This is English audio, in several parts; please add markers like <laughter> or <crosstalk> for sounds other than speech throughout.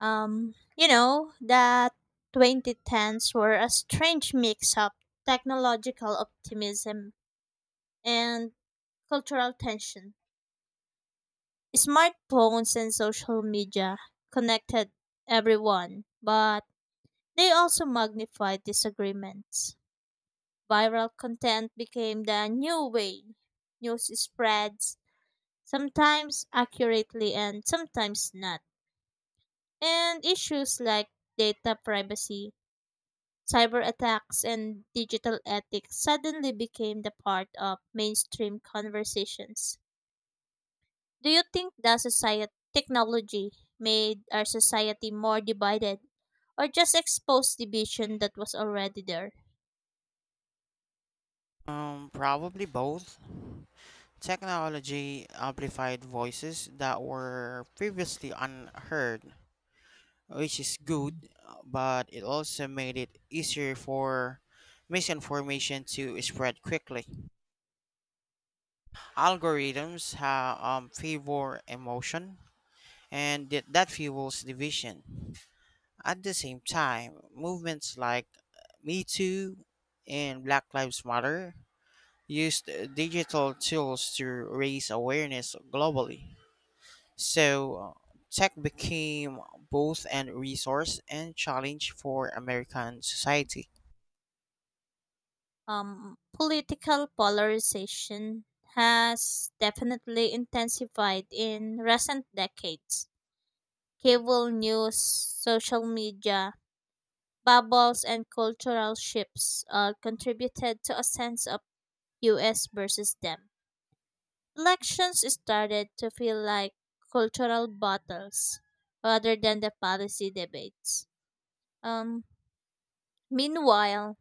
That 2010s were a strange mix of technological optimism and cultural tension. Smartphones and social media connected everyone, but they also magnified disagreements. Viral content became the new way. News spreads, sometimes accurately and sometimes not. And issues like data privacy, cyber attacks and digital ethics suddenly became the part of mainstream conversations. Do you think that society technology made our society more divided or just exposed division that was already there? Probably both. Technology amplified voices that were previously unheard, which is good, but it also made it easier for misinformation to spread quickly. Algorithms have favor emotion, and that fuels division. At the same time, movements like Me Too and Black Lives Matter used digital tools to raise awareness globally. So tech became both an resource and challenge for American society. Political polarization has definitely intensified in recent decades. Cable news, social media, bubbles and cultural shifts all contributed to a sense of us versus them. Elections started to feel like cultural battles rather than the policy debates. Um, meanwhile,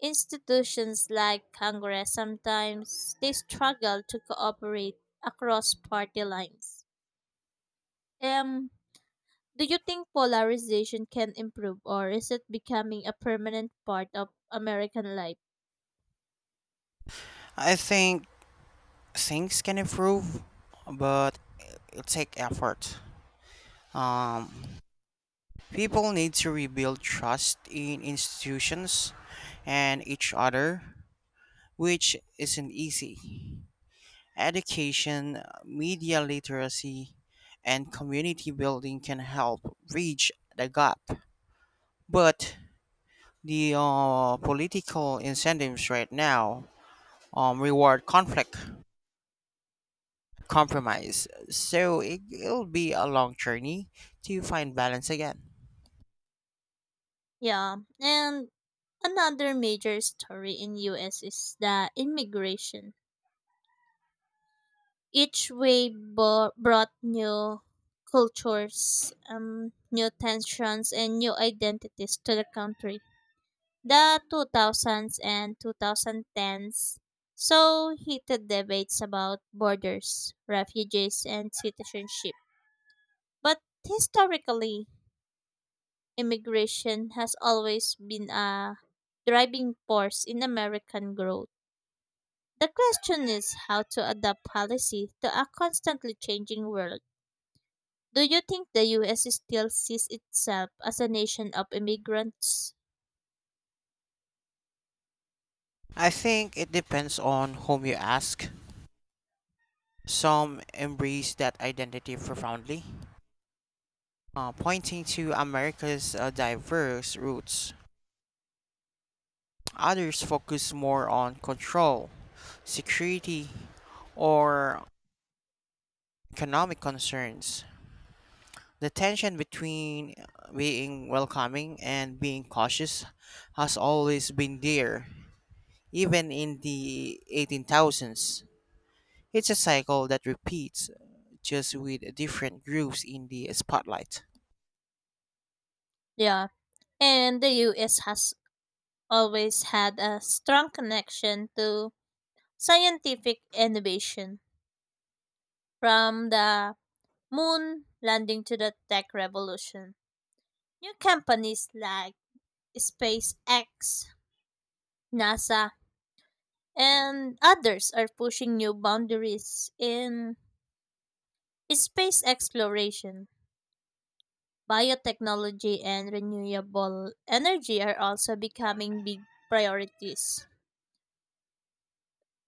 institutions like Congress sometimes they struggle to cooperate across party lines. Um, do you think polarization can improve or is it becoming a permanent part of American life? I think things can improve, but it'll take effort. Um, People need to rebuild trust in institutions and each other, which isn't easy. Education, media literacy, and community building can help bridge the gap. But the political incentives right now reward conflict, compromise. So it'll be a long journey to find balance again. Yeah, and another major story in US is the immigration. Each wave brought new cultures, new tensions, and new identities to the country. The 2000s and 2010s saw heated debates about borders, refugees, and citizenship. But historically, immigration has always been a driving force in American growth. The question is how to adapt policy to a constantly changing world. Do you think the US still sees itself as a nation of immigrants? I think it depends on whom you ask. Some embrace that identity profoundly, pointing to America's diverse roots. Others focus more on control, security, or economic concerns. The tension between being welcoming and being cautious has always been there, even in the 18,000s. It's a cycle that repeats, just with different groups in the spotlight. Yeah. And the US has always had a strong connection to scientific innovation from the moon landing to the tech revolution. New companies like SpaceX, NASA, and others are pushing new boundaries in space exploration. Biotechnology and renewable energy are also becoming big priorities.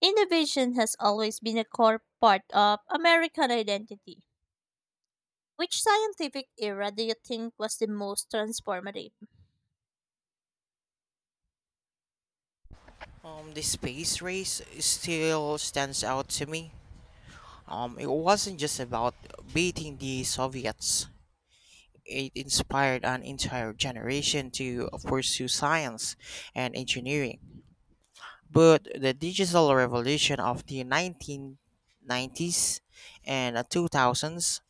Innovation has always been a core part of American identity. Which scientific era do you think was the most transformative? The space race still stands out to me. It wasn't just about beating the Soviets. It inspired an entire generation to pursue science and engineering. But the digital revolution of the 1990s and 2000s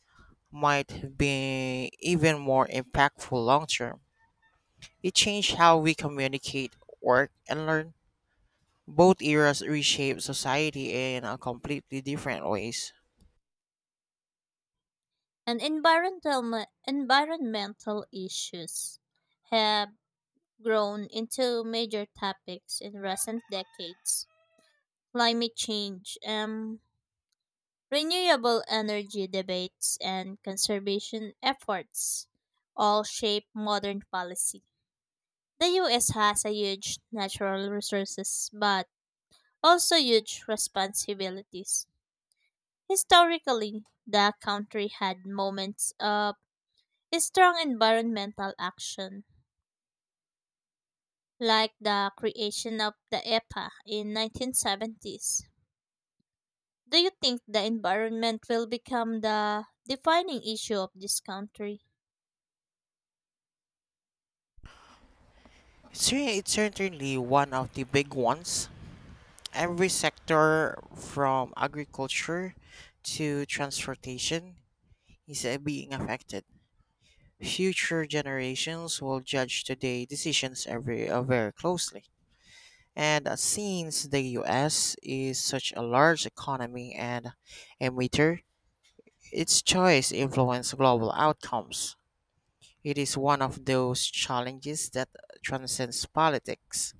might be even more impactful long term. It changed how we communicate, work, and learn. Both eras reshaped society in a completely different ways. And environmental issues have grown into major topics in recent decades. Climate change, renewable energy debates and conservation efforts all shape modern policy. The US has a huge natural resources but also huge responsibilities. Historically, the country had moments of strong environmental action like the creation of the EPA in 1970s. Do you think the environment will become the defining issue of this country? It's certainly one of the big ones. Every sector from agriculture to transportation is being affected. Future generations will judge today's decisions every very closely. And since the US is such a large economy and emitter, its choice influence global outcomes. It is one of those challenges that transcends politics.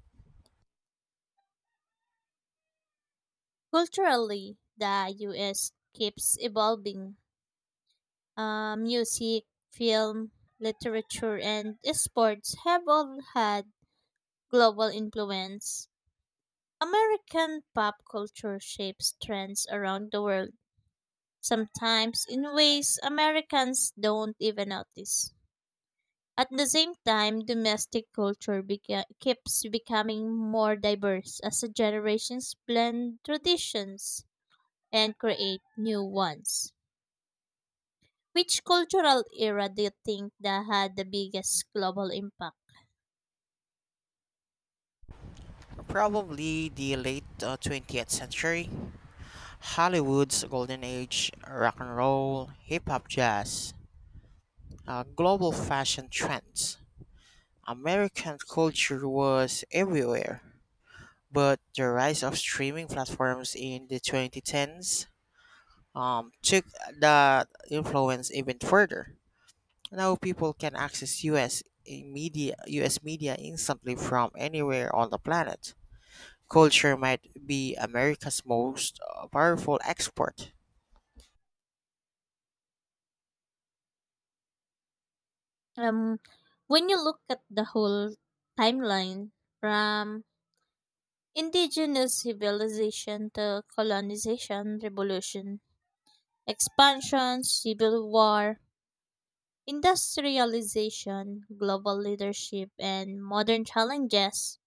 Culturally, the US keeps evolving. Music, film, literature, and sports have all had global influence. American pop culture shapes trends around the world, sometimes in ways Americans don't even notice. At the same time, domestic culture keeps becoming more diverse as the generations blend traditions and create new ones. Which cultural era do you think that had the biggest global impact? Probably the late 20th century Hollywood's golden age, rock and roll, hip hop, jazz, global fashion trends. American culture was everywhere, but the rise of streaming platforms in the 2010s took that influence even further. Now people can access US media instantly from anywhere on the planet. Culture might be America's most powerful export. Um, when you look at the whole timeline from indigenous civilization to colonization, revolution, expansion, civil war, industrialization, global leadership, and modern challenges,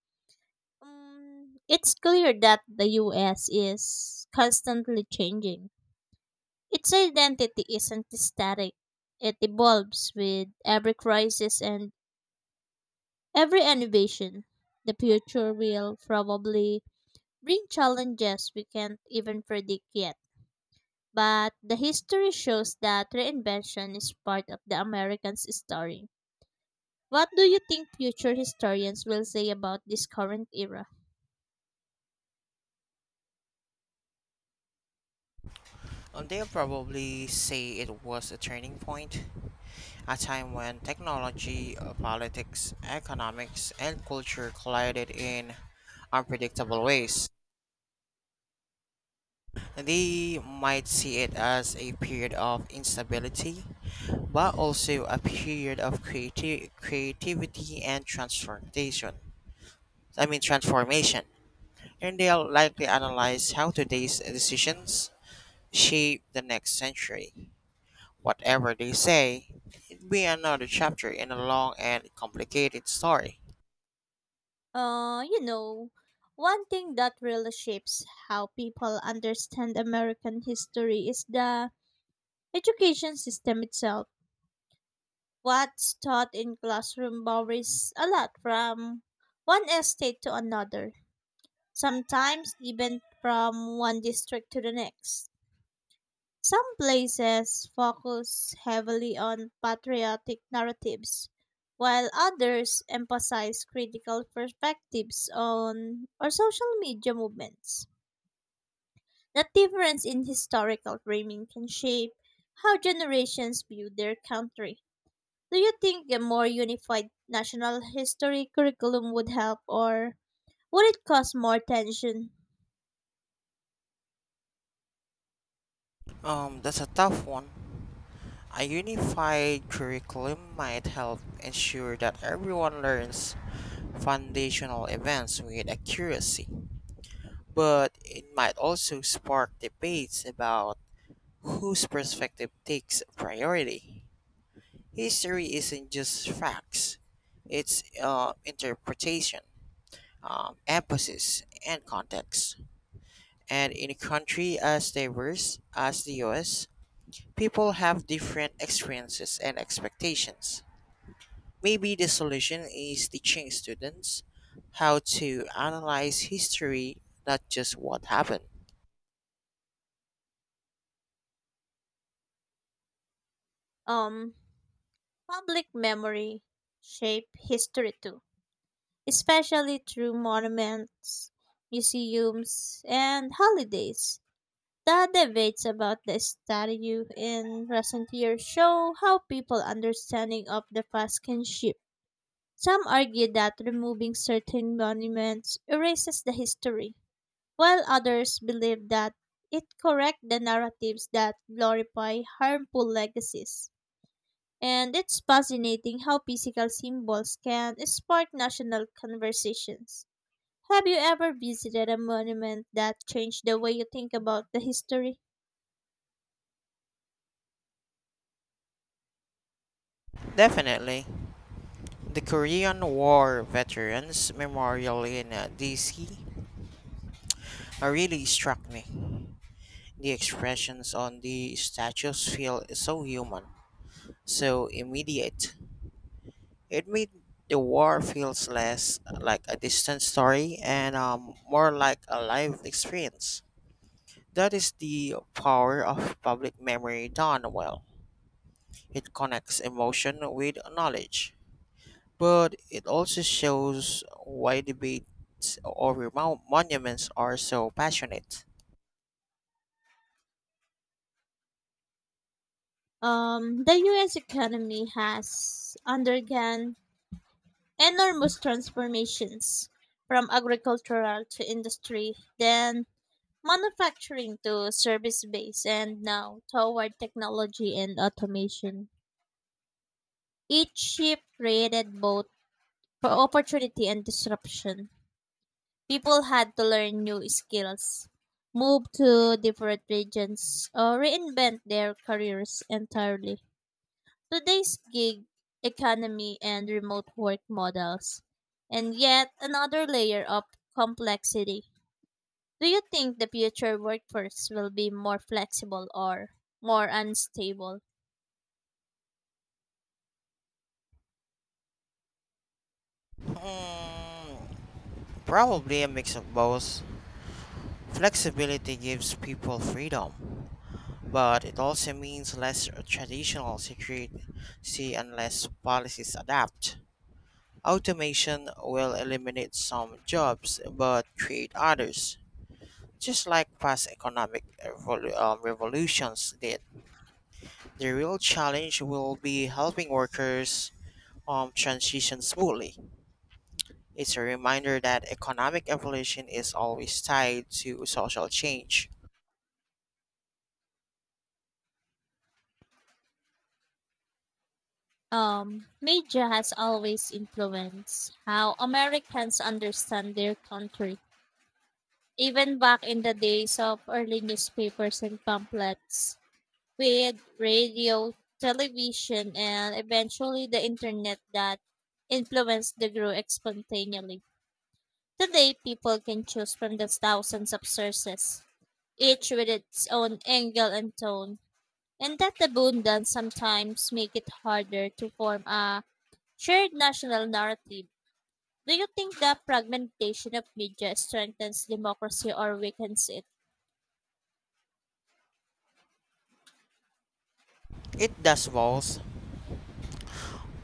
it's clear that the US is constantly changing. Its identity isn't static. It evolves with every crisis and every innovation. The future will probably bring challenges we can't even predict yet. But the history shows that reinvention is part of the American's story. What do you think future historians will say about this current era? They'll probably say it was a turning point, a time when technology, politics, economics, and culture collided in unpredictable ways. They might see it as a period of instability, but also a period of creativity and transformation. I mean, transformation. And they'll likely analyze how today's decisions shape the next century. Whatever they say, it'd be another chapter in a long and complicated story. Uh, you know, one thing that really shapes how people understand American history is the education system itself. What's taught in classroom varies a lot from one estate to another, sometimes even from one district to the next. Some places focus heavily on patriotic narratives, while others emphasize critical perspectives on or social media movements. That difference in historical framing can shape how generations view their country. Do you think a more unified national history curriculum would help or would it cause more tension? That's a tough one. A unified curriculum might help ensure that everyone learns foundational events with accuracy, but it might also spark debates about whose perspective takes priority. History isn't just facts, it's interpretation, emphasis, and context. And in a country as diverse as the US, people have different experiences and expectations. Maybe the solution is teaching students how to analyze history, not just what happened. Um, public memory shape history too, especially through monuments, museums, and holidays. The debates about the statue in recent years show how people understanding of the past can shift. Some argue that removing certain monuments erases the history, while others believe that it corrects the narratives that glorify harmful legacies. And it's fascinating how physical symbols can spark national conversations. Have you ever visited a monument that changed the way you think about the history? Definitely. The Korean War Veterans Memorial in DC really struck me. The expressions on the statues feel so human, so immediate. It made the war feels less like a distant story and more like a live experience. That is the power of public memory done well. It connects emotion with knowledge, but it also shows why debates over monuments are so passionate. The US economy has undergone enormous transformations from agricultural to industry, then manufacturing to service base, and now toward technology and automation. Each shift created both opportunity and disruption. People had to learn new skills, move to different regions, or reinvent their careers entirely. Today's gig economy and remote work models, and yet another layer of complexity. Do you think the future workforce will be more flexible or more unstable? Mm, Probably a mix of both. Flexibility gives people freedom, but it also means less traditional security unless policies adapt. Automation will eliminate some jobs but create others. Just like past economic revolutions did, the real challenge will be helping workers transition smoothly. It's a reminder that economic evolution is always tied to social change. Media has always influenced how Americans understand their country. Even back in the days of early newspapers and pamphlets, with radio, television, and eventually the internet that influenced the group spontaneously. Today, people can choose from the thousands of sources, each with its own angle and tone, and that abundance sometimes make it harder to form a shared national narrative. Do you think the fragmentation of media strengthens democracy or weakens it? It does both.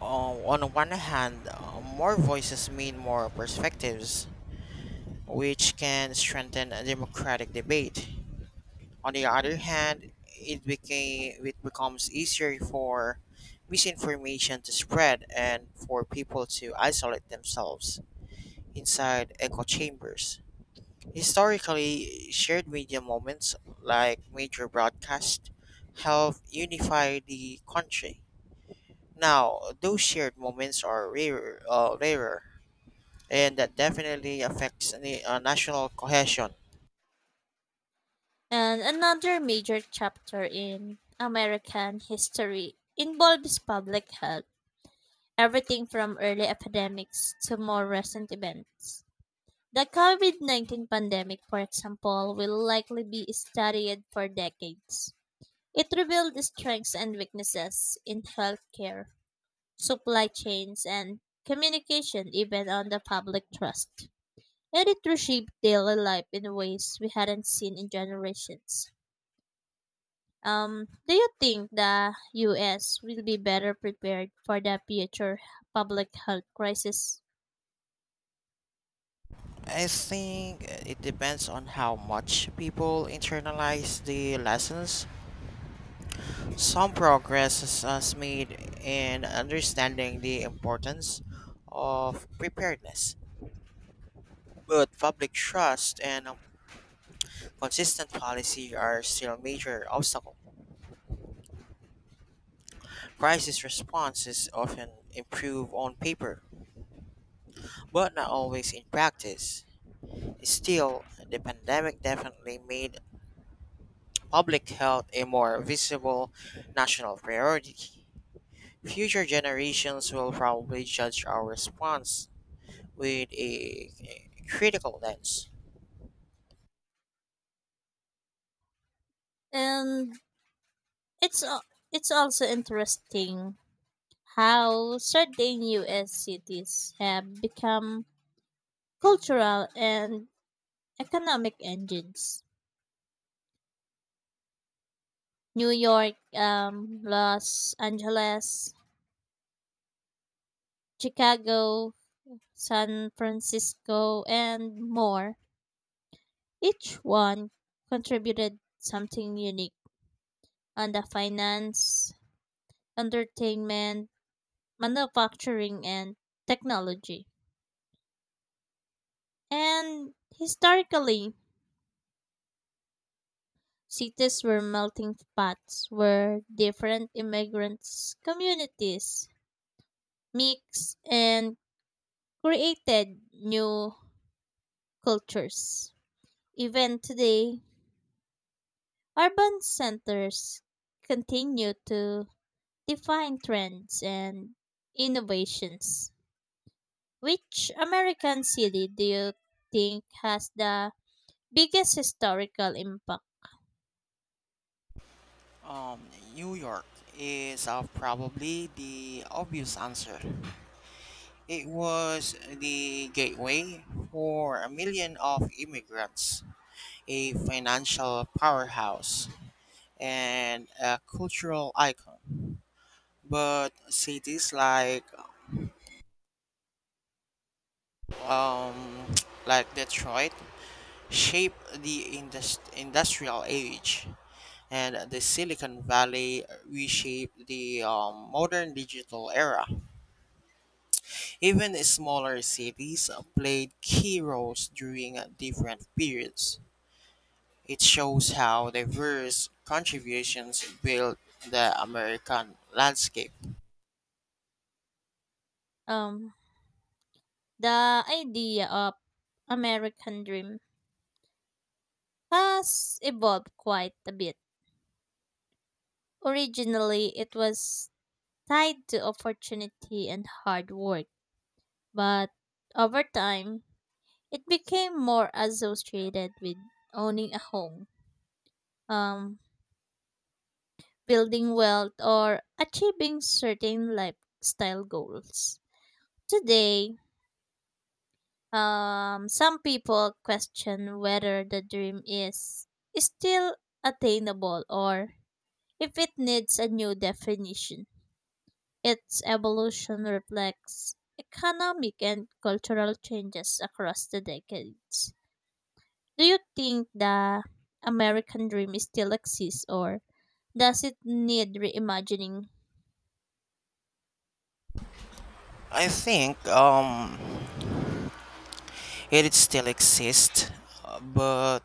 On one hand, more voices mean more perspectives, which can strengthen a democratic debate. On the other hand, it becomes easier for misinformation to spread and for people to isolate themselves inside echo chambers. Historically, shared media moments like major broadcasts help unify the country. Now, those shared moments are rarer, and that definitely affects the national cohesion. And another major chapter in American history involves public health, everything from early epidemics to more recent events. The COVID-19 pandemic, for example, will likely be studied for decades. It revealed the strengths and weaknesses in healthcare, supply chains, and communication, even on the public trust. And it reshaped daily life in ways we hadn't seen in generations. Do you think the U.S. will be better prepared for the future public health crisis? I think it depends on how much people internalize the lessons. Some progress is made in understanding the importance of preparedness, but public trust and consistent policy are still major obstacle. Crisis responses often improve on paper, but not always in practice. Still, the pandemic definitely made public health a more visible national priority. Future generations will probably judge our response with a critical lens. And it's al- it's also interesting how certain U.S. cities have become cultural and economic engines. New York, Los Angeles, Chicago, San Francisco, and more. Each one contributed something unique on the finance, entertainment, manufacturing, and technology. And historically, cities were melting pots where different immigrants communities mixed and created new cultures. Even today, urban centers continue to define trends and innovations. Which American city do you think has the biggest historical impact? Um, New York is probably the obvious answer. It was the gateway for a million of immigrants, a financial powerhouse, and a cultural icon. But cities like um, <tsk> like Detroit, shaped the industrial age, and the Silicon Valley reshaped the modern digital era. Even smaller cities played key roles during different periods. It shows how diverse contributions built the American landscape. Um, the idea of American Dream has evolved quite a bit. Originally, it was tied to opportunity and hard work. But over time, it became more associated with owning a home, um, building wealth, or achieving certain lifestyle goals. Today, some people question whether the dream is still attainable or if it needs a new definition. Its evolution reflects economic and cultural changes across the decades. Do you think the American dream still exists or does it need reimagining? I think it still exists, but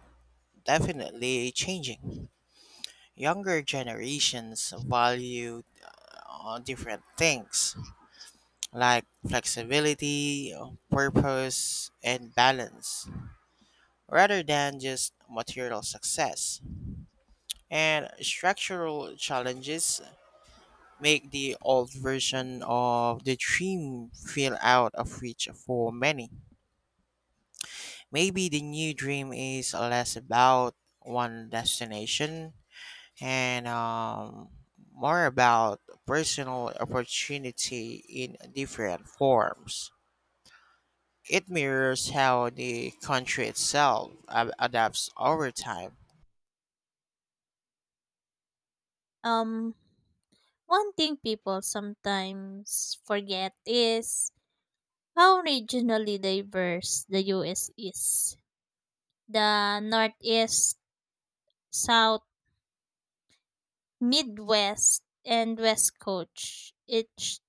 definitely changing. Younger generations value different things like flexibility, purpose, and balance rather than just material success. And structural challenges make the old version of the dream feel out of reach for many. Maybe the new dream is less about one destination and more about personal opportunity in different forms. It mirrors how the country itself adapts over time. Um, one thing people sometimes forget is how regionally diverse the US is. The Northeast, South, Midwest, and West Coast each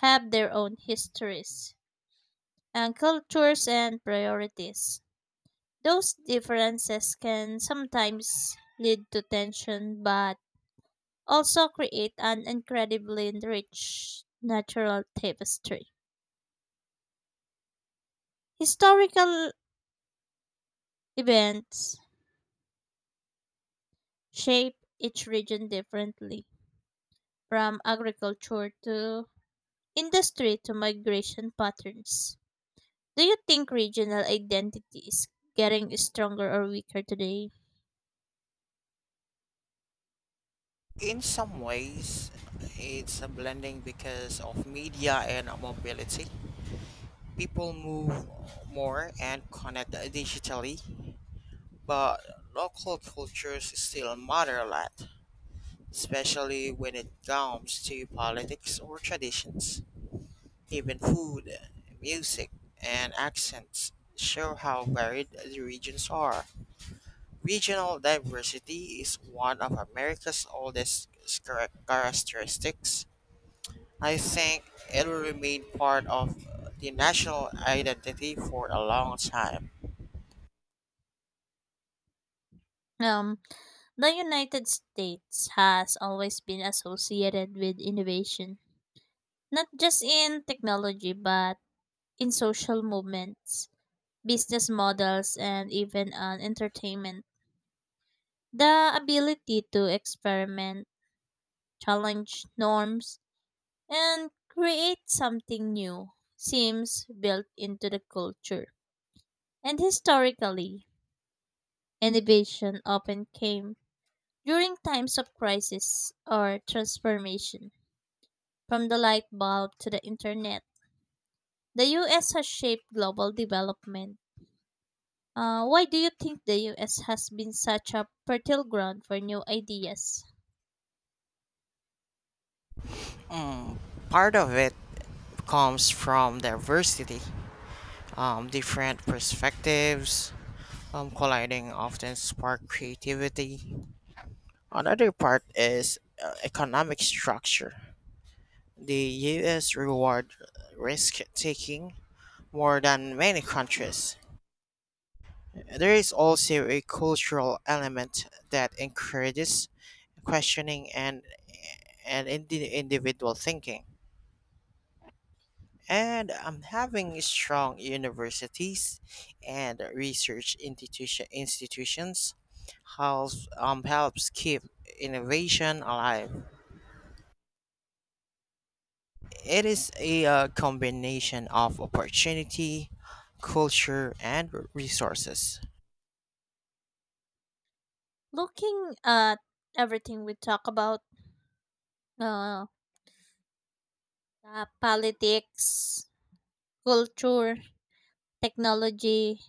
have their own histories and cultures and priorities. Those differences can sometimes lead to tension, but also create an incredibly rich natural tapestry. Historical events shape each region differently, from agriculture to industry to migration patterns. Do you think regional identity is getting stronger or weaker today? In some ways, it's a blending because of media and mobility. People move more and connect digitally, but local cultures still matter a lot, especially when it comes to politics or traditions. Even food, music, and accents show how varied the regions are. Regional diversity is one of America's oldest characteristics. I think it will remain part of the national identity for a long time. Um, the United States has always been associated with innovation. Not just in technology, but in social movements, business models, and even on entertainment. The ability to experiment, challenge norms, and create something new seems built into the culture. And historically, innovation often came during times of crisis or transformation. From the light bulb to the internet, the US has shaped global development. Why do you think the US has been such a fertile ground for new ideas? Part of it comes from diversity, different perspectives colliding often spark creativity. Another part is economic structure. The US reward risk taking more than many countries. There is also a cultural element that encourages questioning and individual thinking. And having strong universities and research institutions helps helps keep innovation alive. It is a combination of opportunity, culture, and resources. Looking at everything we talk about, uh, politics, culture, technology,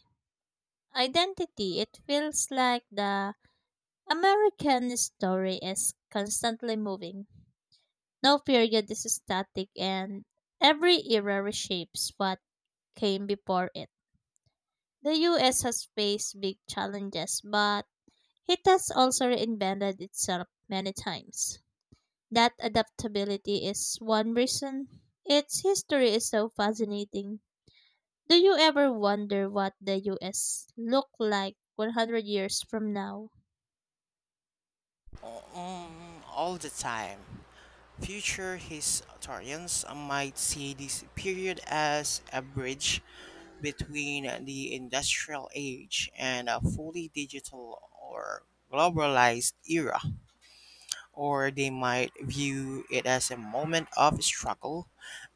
identity, it feels like the American story is constantly moving. No period is static, and every era reshapes what came before it. The US has faced big challenges, but it has also reinvented itself many times. That adaptability is one reason its history is so fascinating. Do you ever wonder what the US look like 100 years from now? All the time. Future historians might see this period as a bridge between the industrial age and a fully digital or globalized era, or they might view it as a moment of struggle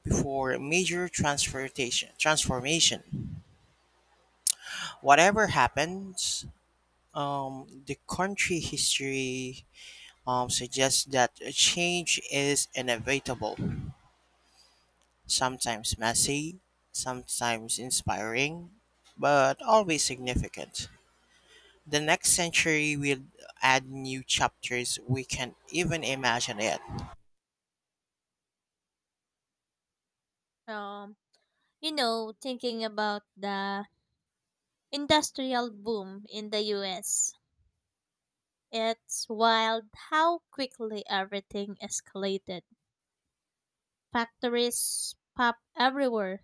before major transportation transformation. Whatever happens, the country history suggests that a change is inevitable, sometimes messy, sometimes inspiring, but always significant. The next century will add new chapters we can not even imagine yet. Um, thinking about the industrial boom in the US, it's wild how quickly everything escalated. Factories pop everywhere,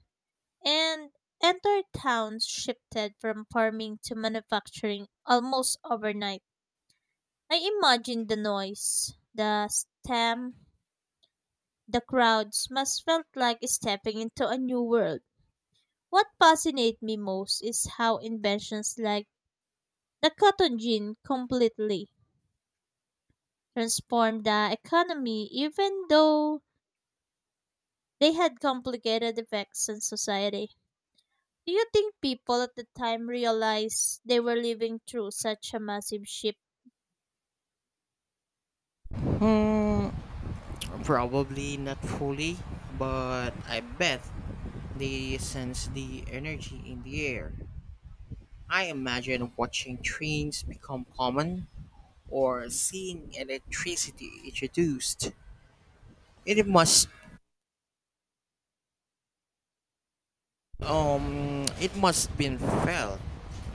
and entire towns shifted from farming to manufacturing almost overnight. I imagine the noise, the stamp, the crowds must felt like stepping into a new world. What fascinates me most is how inventions like the cotton gin completely transformed the economy even though they had complicated effects on society. Do you think people at the time realized they were living through such a massive shift? Hmm, Probably not fully, but I bet they sense the energy in the air. I imagine watching trains become common or seeing electricity introduced. It must it must been felt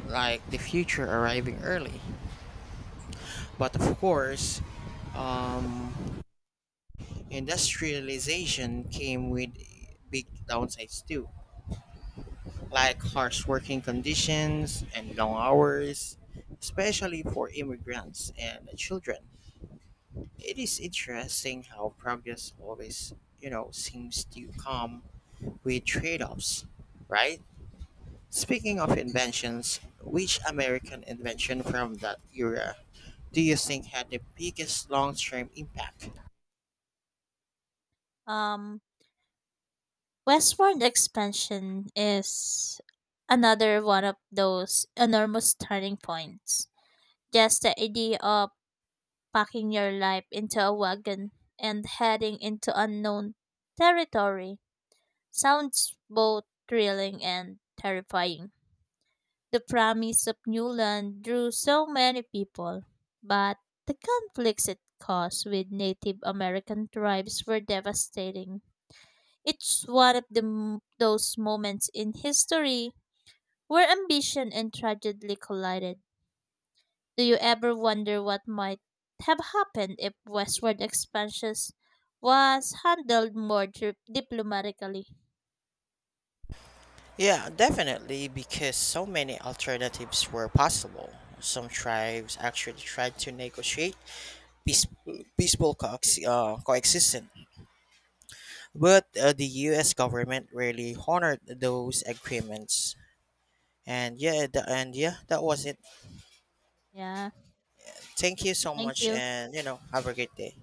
like the future arriving early. But of course, um, industrialization came with big downsides too, like harsh working conditions and long hours, especially for immigrants and children. It is interesting how progress always, you know, seems to come with trade offs, right? Speaking of inventions, which American invention from that era do you think had the biggest long term impact? Um, westward expansion is another one of those enormous turning points. Just the idea of packing your life into a wagon and heading into unknown territory sounds both thrilling and terrifying. The promise of new land drew so many people, but the conflicts it caused with Native American tribes were devastating. It's one of those moments in history where ambition and tragedy collided. Do you ever wonder what might have happened if westward expansion was handled more diplomatically? Yeah, definitely, because so many alternatives were possible. Some tribes actually tried to negotiate peaceful coexistence, but the U.S. government rarely honored those agreements. And yeah, that was it. Yeah, Thank you so thank much, you. and you know, have a great day.